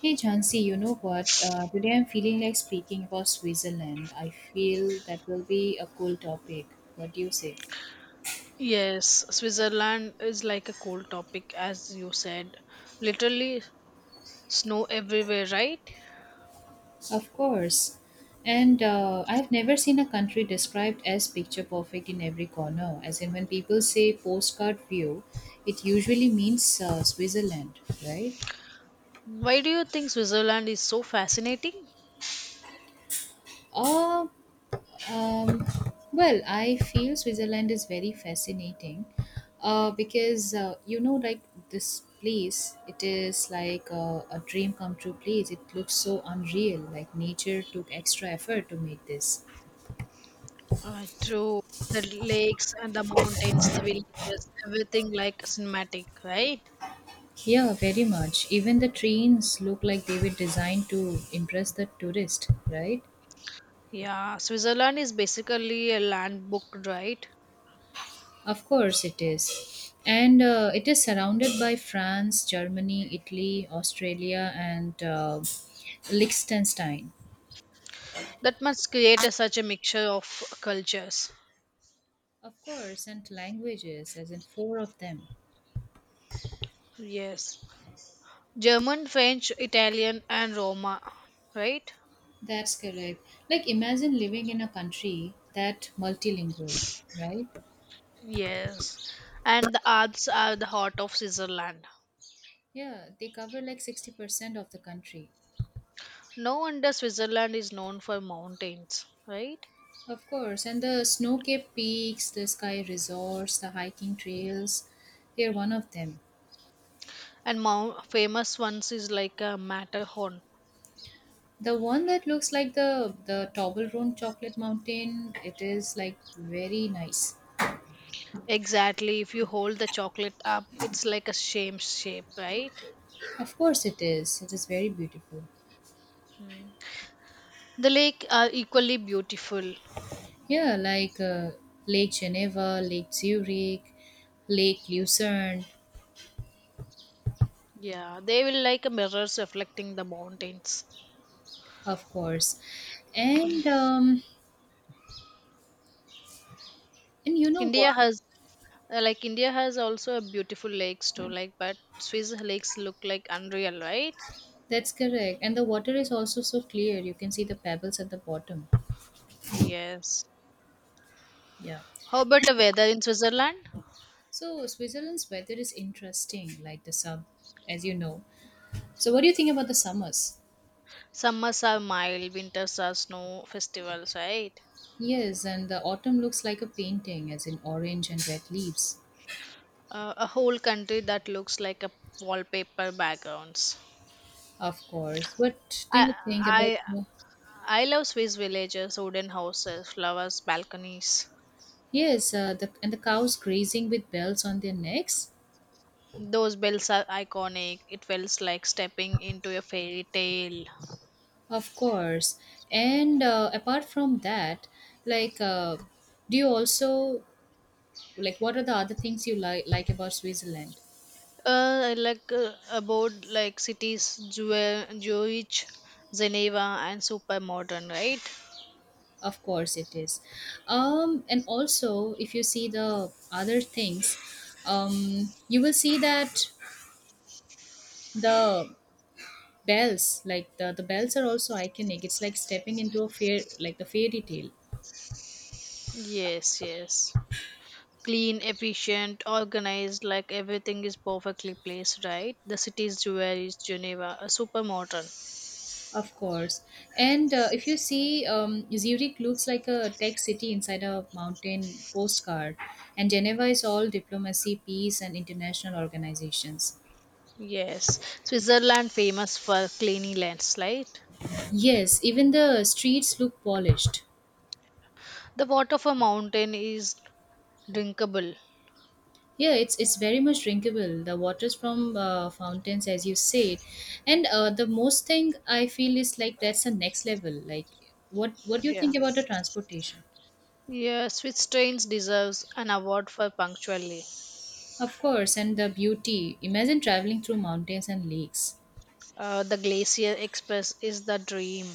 Hey Jansi, you know what? Today I'm feeling like speaking about Switzerland. I feel that will be a cool topic. What do you say? Yes, Switzerland is like a cold topic, as you said. Literally snow everywhere, right? Of course. And I've never seen a country described as picture perfect in every corner. As in, when people say postcard view, it usually means Switzerland, right? Why do you think Switzerland is so fascinating? Uh, Um, well, I feel Switzerland is very fascinating because this place, it is like a dream come true place. It looks so unreal, like nature took extra effort to make this. To the lakes and the mountains, the villages, everything like cinematic, right? Yeah, very much. Even the trains look like they were designed to impress the tourist, right? Yeah, Switzerland is basically a land book, right? Of course, it is. And it is surrounded by France, Germany, Italy, Australia, and Liechtenstein. That must create such a mixture of cultures. Of course, and languages, as in four of them. Yes. German, French, Italian, and Roma, right? That's correct. Like, imagine living in a country that multilingual, right? Yes, and the Alps are the heart of Switzerland. Yeah, they cover like 60% of the country. No wonder Switzerland is known for mountains, right? Of course, and the snow capped peaks, the sky resorts, the hiking trails, they're one of them. And mount, famous ones is like a Matterhorn. The one that looks like the Toblerone chocolate mountain, it is like very nice. Exactly, if you hold the chocolate up, it's like a shame shape, right? Of course it is. It is very beautiful. Mm. The lake are equally beautiful. Yeah, like Lake Geneva, Lake Zurich, Lake Lucerne, Yeah, they will like a mirrors reflecting the mountains. of course. And um, and you know what? India has like India has also a beautiful lakes too, like but Swiss lakes look like unreal, right? That's correct. And the water is also so clear. You can see the pebbles at the bottom. Yes. Yeah. How about the weather in Switzerland? So Switzerland's weather is interesting, like the sub, as you know. So what do you think about the summers? Summers are mild, winters are snow festivals, right? Yes, and the autumn looks like a painting, as in orange and red leaves, A whole country that looks like a wallpaper backgrounds. of course. What do I you think about I the, I love Swiss villages, wooden houses, flowers, balconies. yes, and the cows grazing with bells on their necks, Those bells are iconic. It feels like stepping into a fairy tale. of course. And apart from that, like, uh, do you also like, what are the other things you like about Switzerland? I like about like cities, Zurich, Geneva, and super modern, right? Of course, it is. And also, if you see the other things, you will see that the bells, like the bells, are also iconic. It's like stepping into a fair, like the fairy tale. Yes, yes. Clean, efficient, organized, like everything is perfectly placed, right? The cities where is Geneva, a super modern. Of course. And if you see, Zurich looks like a tech city inside a mountain postcard, and Geneva is all diplomacy, peace, and international organizations. Yes, Switzerland famous for cleanliness, right? Yes, even the streets look polished. The water from mountain is drinkable. Yeah, it's very much drinkable. The waters from fountains, as you said, and the most thing I feel is like that's the next level. Like, what do you Yeah. think about the transportation? Yeah, Swiss trains deserves an award for punctually. Of course, and the beauty. Imagine traveling through mountains and lakes. The Glacier Express is the dream.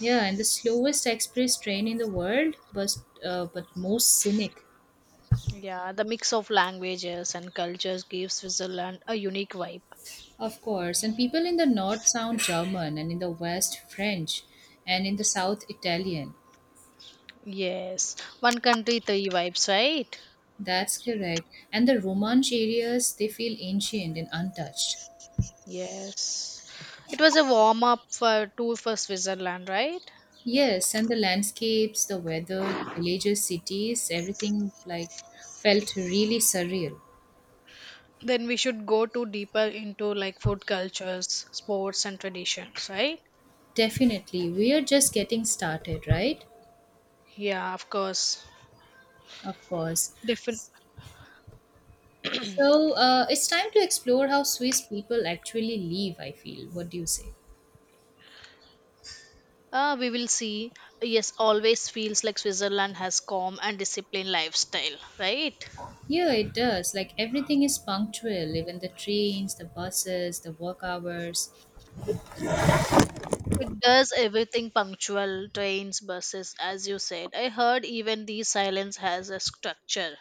Yeah, and the slowest express train in the world, but most scenic, Yeah, the mix of languages and cultures gives Switzerland a unique vibe. of course. And people in the north sound German, and in the west French, and in the south Italian. Yes, one country, three vibes, right? That's correct. And the Romansh areas, they feel ancient and untouched. Yes. It was a warm up for tour for Switzerland, right? Yes, and the landscapes, the weather, the villages, cities, everything like felt really surreal. Then we should go to deeper into like food cultures, sports and traditions, right? Definitely, we are just getting started, right? Yeah, of course. Of course. Different So it's time to explore how Swiss people actually live, I feel. What do you say? We will see. Yes, always feels like Switzerland has calm and disciplined lifestyle, right? Yeah, it does. Like everything is punctual, even the trains, the buses, the work hours. It does everything punctual, trains, buses, as you said. I heard even the silence has a structure.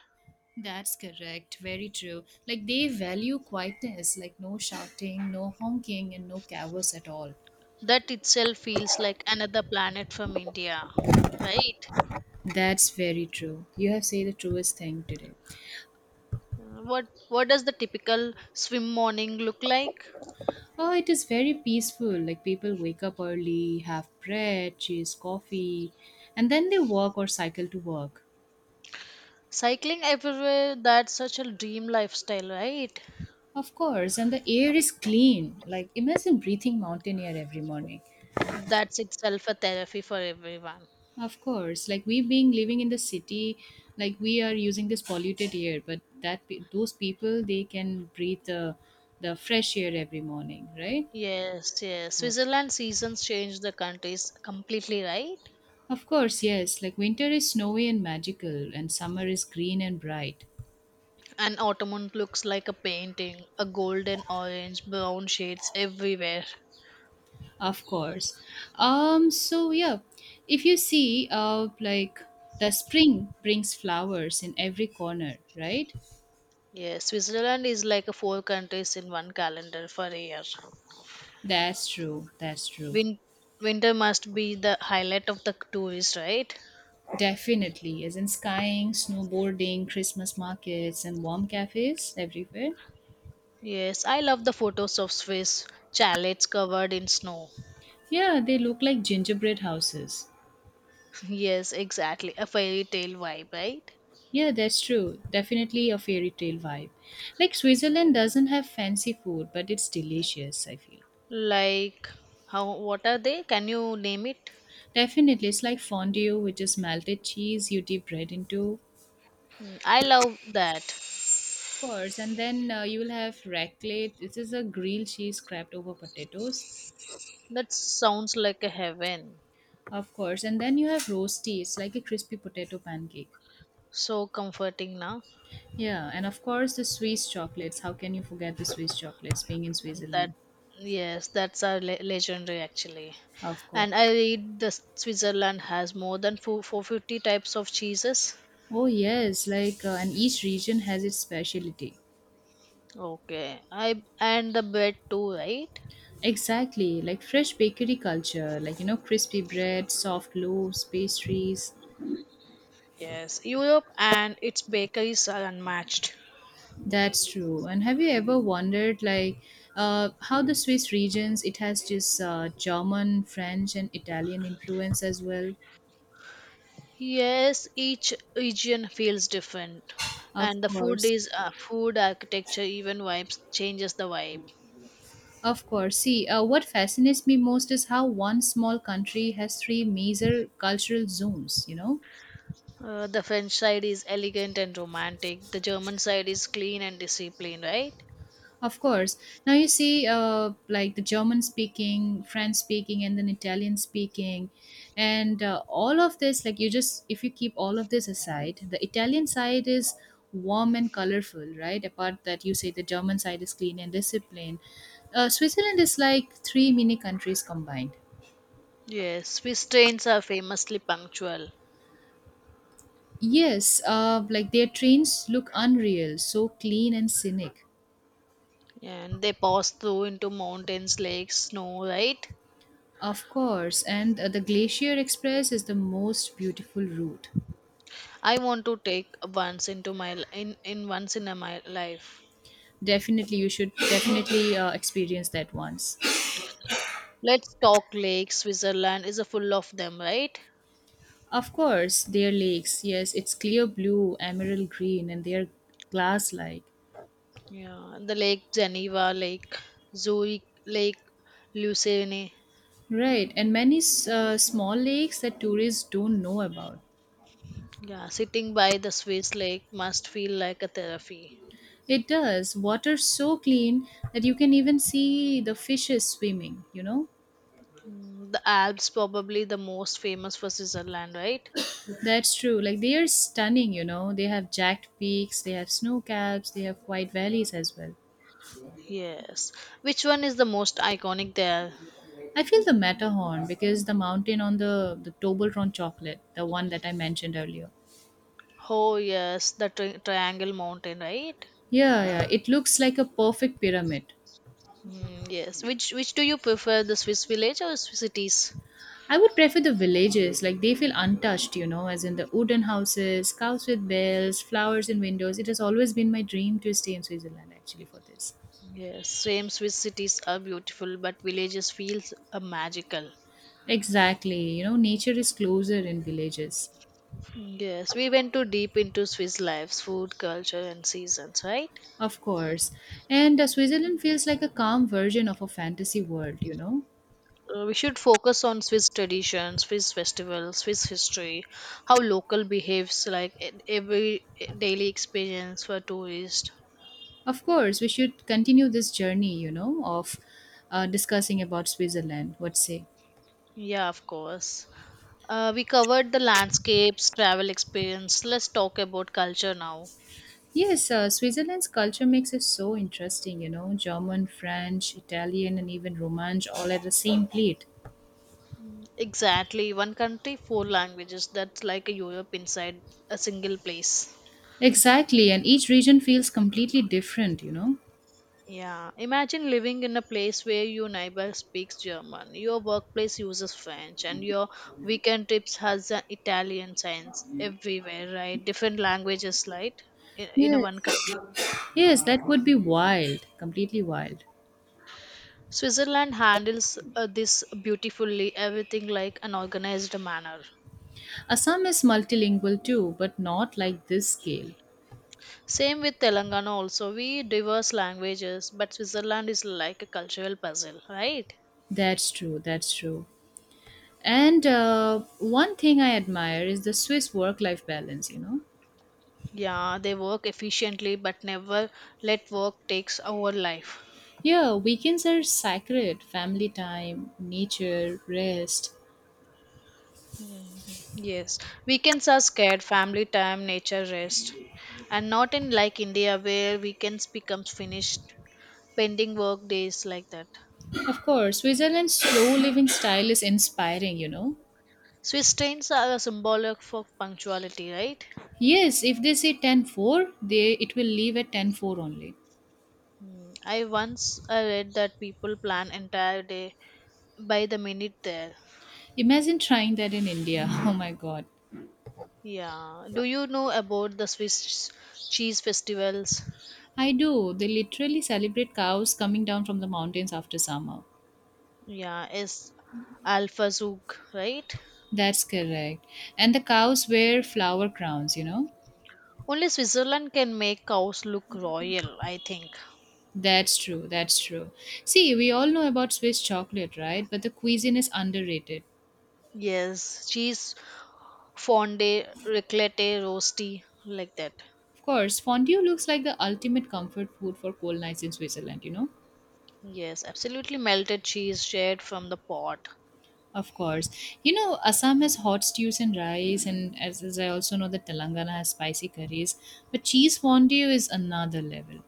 That's correct. Very true. Like they value quietness, like no shouting, no honking, and no cavers at all. That itself feels like another planet from India, right? That's very true. You have said the truest thing today. What does the typical swim morning look like? Oh, it is very peaceful. Like people wake up early, have bread, cheese, coffee, and then they walk or cycle to work. Cycling everywhere, that's such a dream lifestyle, right? Of course, and the air is clean. Like imagine breathing mountain air every morning. That's itself a therapy for everyone. Of course, like we being living in the city, like we are using this polluted air, but that those people they can breathe the fresh air every morning, right? Yes, Of yes. course. Switzerland seasons change the countries completely, right? Of course, yes. Like winter is snowy and magical, and summer is green and bright. And autumn looks like a painting, a golden orange, brown shades everywhere. Of course. So yeah, if you see, the spring brings flowers in every corner, right? Yes, Switzerland is like a four countries in one calendar for a year. That's true. That's true. Win- Winter must be the highlight of the tourist, right? Definitely. As in skiing, snowboarding, Christmas markets, and warm cafes everywhere. Yes, I love the photos of Swiss chalets covered in snow. Yeah, they look like gingerbread houses. Yes, exactly. A fairy tale vibe, right? Yeah, that's true. Definitely a fairy tale vibe. Like Switzerland doesn't have fancy food, but it's delicious, I feel. Like how what are they? Can you name it? Definitely. It's like fondue, which is melted cheese you dip bread into. Mm, I love that. Of course. And then you will have raclette. This is a grilled cheese scraped over potatoes. That sounds like a heaven. Of course. And then you have roasties, like a crispy potato pancake. So comforting now. Yeah, and of course the Swiss chocolates. How can you forget the Swiss chocolates being in And That Switzerland? yes, that's a legendary actually. Of course. And I read the Switzerland has more than four 450 types of cheeses. Oh yes, like and each region has its specialty. Okay. I and the bread too, right? Exactly, like fresh bakery culture, like you know crispy bread, soft loaves, pastries. Yes, Europe and its bakeries are unmatched. That's true. And have you ever wondered like how the Swiss regions it has just German, French, and Italian influence as well? Yes, each region feels different, Of and the food course. is food architecture even vibes changes the vibe. Of course. See, what fascinates me most is how one small country has three major cultural zones, you know? The French side is elegant and romantic. The German side is clean and disciplined, right? Of course. Now you see, the German speaking, French speaking, and then Italian speaking. And all of this, like you just, if you keep all of this aside, the Italian side is warm and colorful, right? Apart that you say the German side is clean and disciplined. Switzerland is like three mini countries combined. Yes, Swiss trains are famously punctual, Yes, like their trains look unreal, so clean and scenic. and they pass through into mountains, lakes, snow, right? Of course, and the Glacier Express is the most beautiful route. I want to take once into my in once in a my life. Definitely, you should definitely experience that once. Let's talk lakes. Switzerland is a full of them, right? Of course, their lakes, yes, it's clear blue, emerald green, and they're glass like. Yeah, the Lake Geneva, Lake Zurich, Lake Lucerne. Right, and many small lakes that tourists don't know about. Yeah, sitting by the Swiss lake must feel like a therapy. It does. Water so clean that you can even see the fishes swimming, you know? Mm, the Alps probably the most famous for Switzerland, right? That's true. Like they are stunning, you know. They have jagged peaks, they have snow caps, they have white valleys as well. Yes. Which one is the most iconic there? I feel the Matterhorn because the mountain on the Toblerone chocolate, the one that I mentioned earlier. Oh yes, the Triangle Mountain, right? Yeah, yeah, it looks like a perfect pyramid. Mm, yes. Which do you prefer, the Swiss village or Swiss cities? I would prefer the villages, like they feel untouched, you know, as in the wooden houses, cows with bells, flowers in windows. It has always been my dream to stay in Switzerland actually for this. Yes, same Swiss cities are beautiful, but villages feels magical. Exactly, you know, nature is closer in villages. Yes, we went too deep into Swiss lives, food, culture, and seasons, right? Of course. And Switzerland feels like a calm version of a fantasy world, you know? We should focus on Swiss traditions, Swiss festivals, Swiss history, how local behaves, like every daily experience for tourists. Of course, we should continue this journey, you know, of discussing about Switzerland. What say? Yeah, of course. We covered the landscapes, travel experience. Let's talk about culture now. Yes, Switzerland's culture makes it so interesting, you know, German, French, Italian, and even Romance all at the same plate. Exactly. One country, four languages. That's like a Europe inside a single place. Exactly, and each region feels completely different, you know? Yeah. Imagine living in a place where your neighbor speaks German, your workplace uses French, and your weekend trips has the Italian signs everywhere, right? Different languages, right? In a one Yes, country. yes, that would be wild, completely wild. Switzerland handles this beautifully, everything like an organized manner. Assam is multilingual too, but not like this scale. Same with Telangana also. We diverse languages, but Switzerland is like a cultural puzzle, right? That's true. That's true. And one thing I admire is the Swiss work life balance, you know? Yeah, they work efficiently, but never let work takes over life. Yeah, weekends are sacred family time, nature, rest. Yes, weekends are scared, family time, nature rest, and not in like India where weekends becomes finished, pending work days like that. Of course, Switzerland's slow living style is inspiring, you know? Swiss trains are a symbolic for punctuality, right? Yes, if they say 10 4, they, it will leave at 10 4 only. Hmm, I once I read that people plan entire day by the minute there. Imagine trying that in India. Oh my god. Yeah. Do you know about the Swiss cheese festivals? I do. They literally celebrate cows coming down from the mountains after summer. Yeah, is Alphazook, right? That's correct. And the cows wear flower crowns, you know? Only Switzerland can make cows look royal, I think. That's true, that's true. See, we all know about Swiss chocolate, right? But the cuisine is underrated. Yes, cheese, fondue, raclette, roasty, like that. Of course, fondue looks like the ultimate comfort food for cold nights in Switzerland, you know? Yes, absolutely melted cheese shared from the pot. Of course. You know, Assam has hot stews and rice, and as I also know that Telangana has spicy curries, but cheese fondue is another level.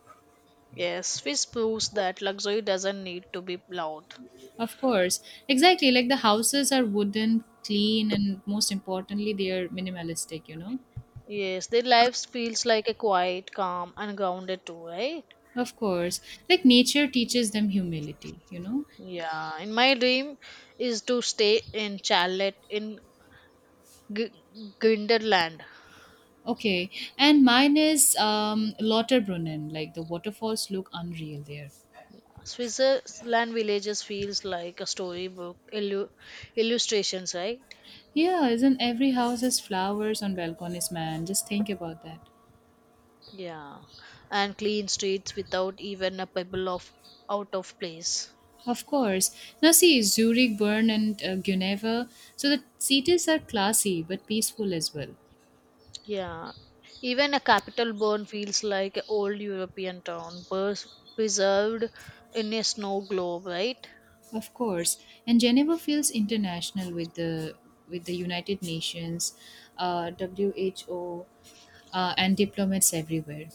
Yes, Swiss proves that luxury doesn't need to be loud. Of course, exactly. Like the houses are wooden, clean, and most importantly, they are minimalistic, you know? Yes, their lives feels like a quiet, calm, and grounded too, right? Of course. Like nature teaches them humility, you know? Yeah, and my dream is to stay in Charlotte in Grinderland. Okay, and mine is Lauterbrunnen. Like the waterfalls look unreal there. Switzerland villages feels like a storybook illustrations, right? Yeah, isn't every house has flowers on balconies, man? Just think about that. Yeah, and clean streets without even a pebble of out of place. Of course. Now see, Zurich, Bern, and Geneva. So the cities are classy but peaceful as well. Yeah, even a capital Bern feels like an old European town, preserved in a snow globe, right? Of course, and Geneva feels international with the United Nations, WHO, and diplomats everywhere.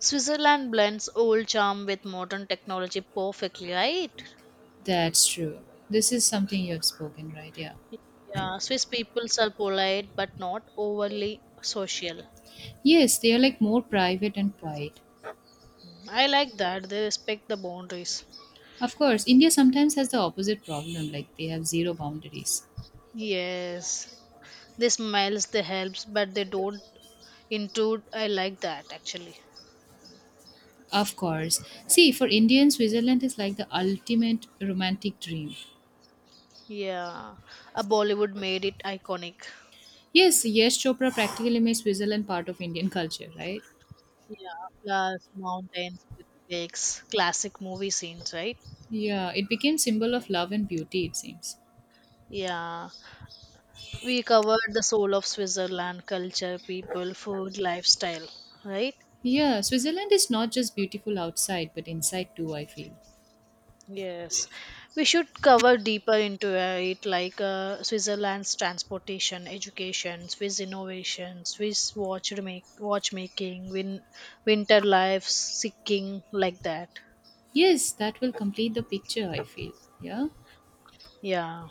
Switzerland blends old charm with modern technology perfectly, right? That's true. This is something you have spoken, right? Yeah. Yeah, Swiss peoples are polite but not overly social. Yes, they are like more private and quiet. I like that they respect the boundaries. Of course, India sometimes has the opposite problem, like they have zero boundaries. Yes, they smiles, they helps, but they don't intrude. I like that actually. Of course. See, for Indians, Switzerland is like the ultimate romantic dream. Yeah, a Bollywood made it iconic. Yes, yes, Chopra practically made Switzerland part of Indian culture, right? Yeah, plus mountains, with lakes, classic movie scenes, right? Yeah, it became symbol of love and beauty, it seems. Yeah, we covered the soul of Switzerland, culture, people, food, lifestyle, right? Yeah, Switzerland is not just beautiful outside, but inside too, I feel. Yes, we should cover deeper into it, like Switzerland's transportation, education, Swiss innovation, Swiss watch make, watchmaking, winter life, seeking, like that. Yes, that will complete the picture, I feel. Yeah, Yeah.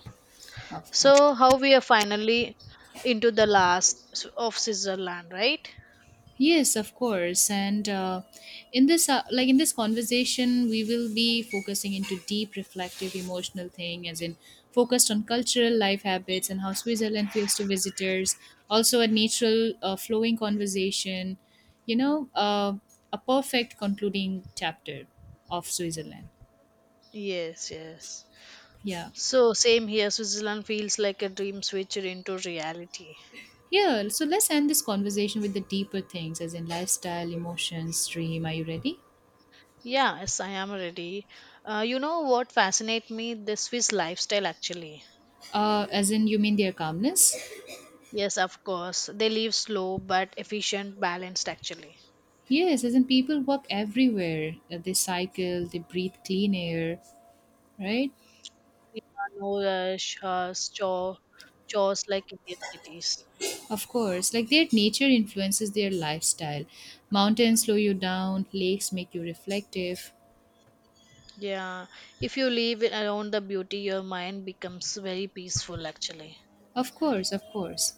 of course. So how we are finally into the last of Switzerland, right? Yes, of course. And in this, in this conversation, we will be focusing into deep, reflective, emotional thing, as in focused on cultural life habits and how Switzerland feels to visitors. Also, a natural, flowing conversation. You know, a perfect concluding chapter of Switzerland. Yes, yes. Yeah. So same here. Switzerland feels like a dream switched into reality. Yeah, so let's end this conversation with the deeper things, as in lifestyle, emotions, dream. Are you ready? Yeah, yes, I am ready. You know what fascinates me? The Swiss lifestyle, actually. As in, you mean their calmness? Yes, of course. They live slow but efficient, balanced, actually. Yes, as in people walk everywhere. They cycle, they breathe clean air, right? Yeah, no rush, chores like Indian cities. Of course, like their nature influences their lifestyle. Mountains slow you down, lakes make you reflective. Yeah, if you live around the beauty, your mind becomes very peaceful, actually. Of course, of course.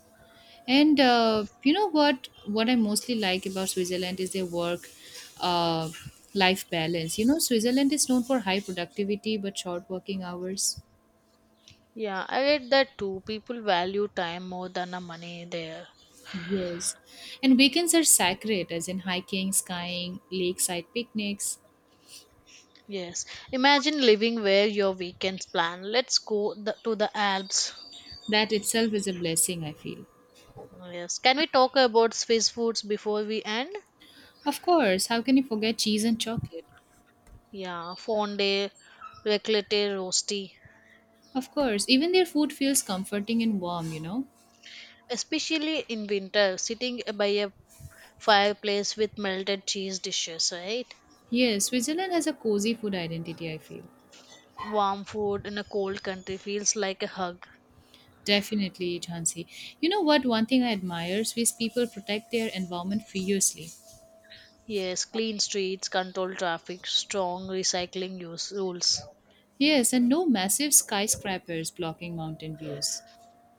And you know what? What I mostly like about Switzerland is their work uh, life balance. You know, Switzerland is known for high productivity but short working hours. Yeah, I read that too. People value time more than the money there. Yes. And weekends are sacred, as in hiking, skiing, lakeside picnics. Yes. Imagine living where your weekends plan. Let's go to the Alps. That itself is a blessing, I feel. Oh, yes. Can we talk about Swiss foods before we end? Of course, how can you forget cheese and chocolate? Yeah, fondue, raclette, rosti. Of course, even their food feels comforting and warm, you know? Especially in winter, sitting by a fireplace with melted cheese dishes, right? Yes, Switzerland has a cozy food identity, I feel. Warm food in a cold country feels like a hug. Definitely, Jhansi. You know what? One thing I admire, Swiss people protect their environment fiercely. Yes, clean streets, controlled traffic, strong recycling use rules. Yes, and no massive skyscrapers blocking mountain views.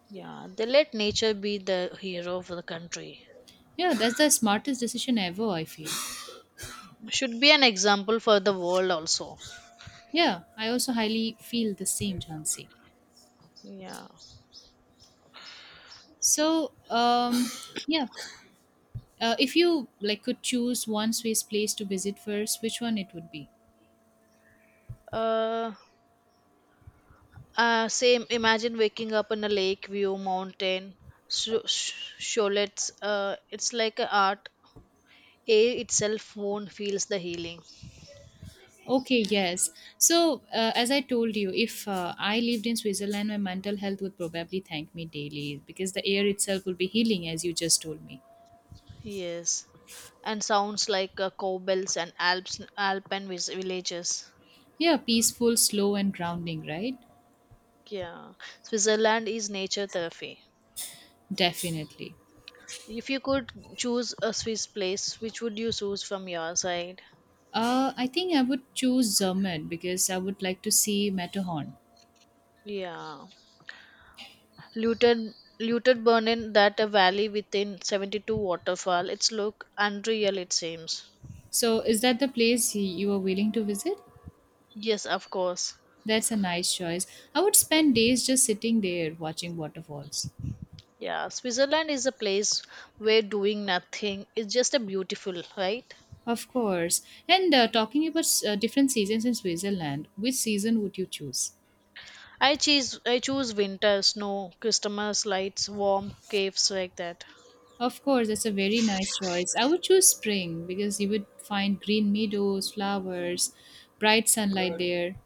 Yeah, they let nature be the hero of the country. Yeah, that's the smartest decision ever, I feel. Should be an example for the world also. Yeah, I also highly feel the same, Jhansi. Yeah. So, um, yeah. Uh, if you could choose one Swiss place to visit first, which one it would be? Uh, same. Imagine waking up in a lake view, mountain, sho- sh- sholets. It's like a art. Air itself won't feels the healing. Okay, yes. So, as I told you, if I lived in Switzerland, my mental health would probably thank me daily because the air itself would be healing, as you just told me. Yes, and sounds like cowbells and Alps, Alpine villages. Yeah, peaceful, slow, and grounding, right? Yeah, Switzerland is nature therapy. Definitely. If you could choose a Swiss place, which would you choose from your side? I think I would choose Zermatt because I would like to see Matterhorn. Yeah. Luton burning that a valley within 72 waterfall. It's look unreal it seems. So, is that the place you are willing to visit? Yes, of course. That's a nice choice. I would spend days just sitting there watching waterfalls. Yeah, Switzerland is a place where doing nothing is just a beautiful, right? Of course. And talking about different seasons in Switzerland, which season would you choose? I choose winter, snow, Christmas lights, warm caves like that. Of course, that's a very nice choice. I would choose spring because you would find green meadows, flowers, bright sunlight there.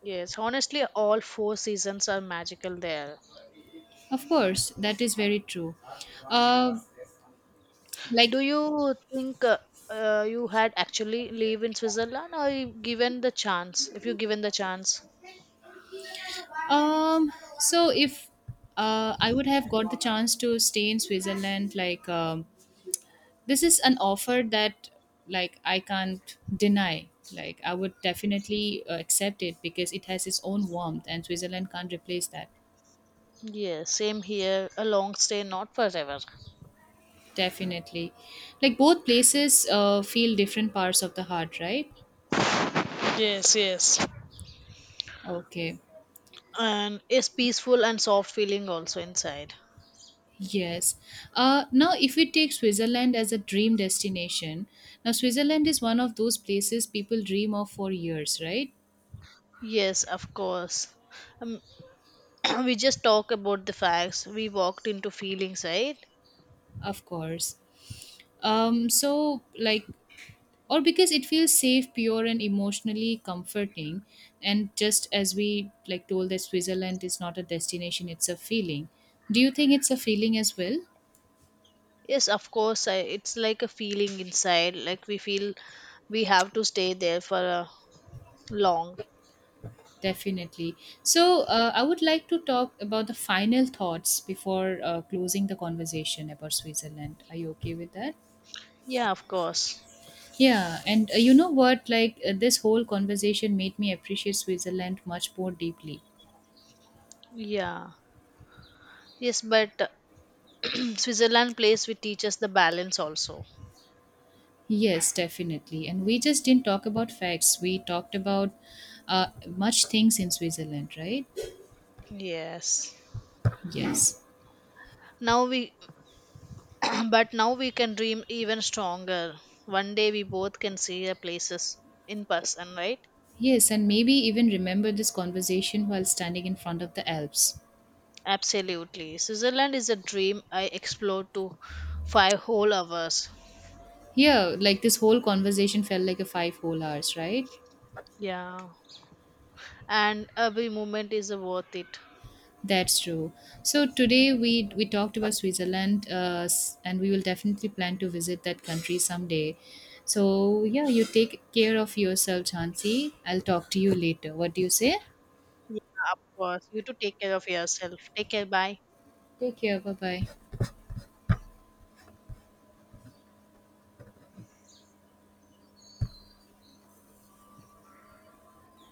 Yes, honestly, all four seasons are magical there. Of course, that is very true. Uh, Do like you think you had actually live in Switzerland, or you given the chance? If you given the chance, um, so if I would have got the chance to stay in Switzerland, this is an offer that I can't deny. Like I would definitely accept it because it has its own warmth and Switzerland can't replace that. yeah, same here. A long stay, not forever. Definitely. Like both places feel different parts of the heart, right? Yes, yes. Okay. And it's peaceful and soft feeling also inside. Yes. Now, if we take Switzerland as a dream destination, now Switzerland is one of those places people dream of for years, right? Yes, of course. Um, we just talk about the facts. We walked into feelings, right? Of course. Um, so, like, or because it feels safe, pure and emotionally comforting, and just as we told, that Switzerland is not a destination, it's a feeling. Do you think it's a feeling as well? Yes, of course. I, it's like a feeling inside. Like we feel we have to stay there for a long. Definitely. So I would like to talk about the final thoughts before closing the conversation about Switzerland. Are you okay with that? Yeah, of course. Yeah. And you know what, this whole conversation made me appreciate Switzerland much more deeply. Yeah. Yes, but Switzerland place we teach us the balance also. Yes, definitely. And we just didn't talk about facts. We talked about much things in Switzerland, right? Yes. Yes. Now we But now we can dream even stronger. One day we both can see the places in person, right? Yes, and maybe even remember this conversation while standing in front of the Alps. Absolutely. Switzerland is a dream I explored to 5 whole hours. Yeah, like this whole conversation felt like a 5 whole hours, right? Yeah. And every moment is worth it. That's true. So today we talked about Switzerland, and we will definitely plan to visit that country someday. So yeah, you take care of yourself, Chansi. I'll talk to you later. What do you say? Yeah, of course. You to take care of yourself. Take care. Bye. Take care. Bye bye.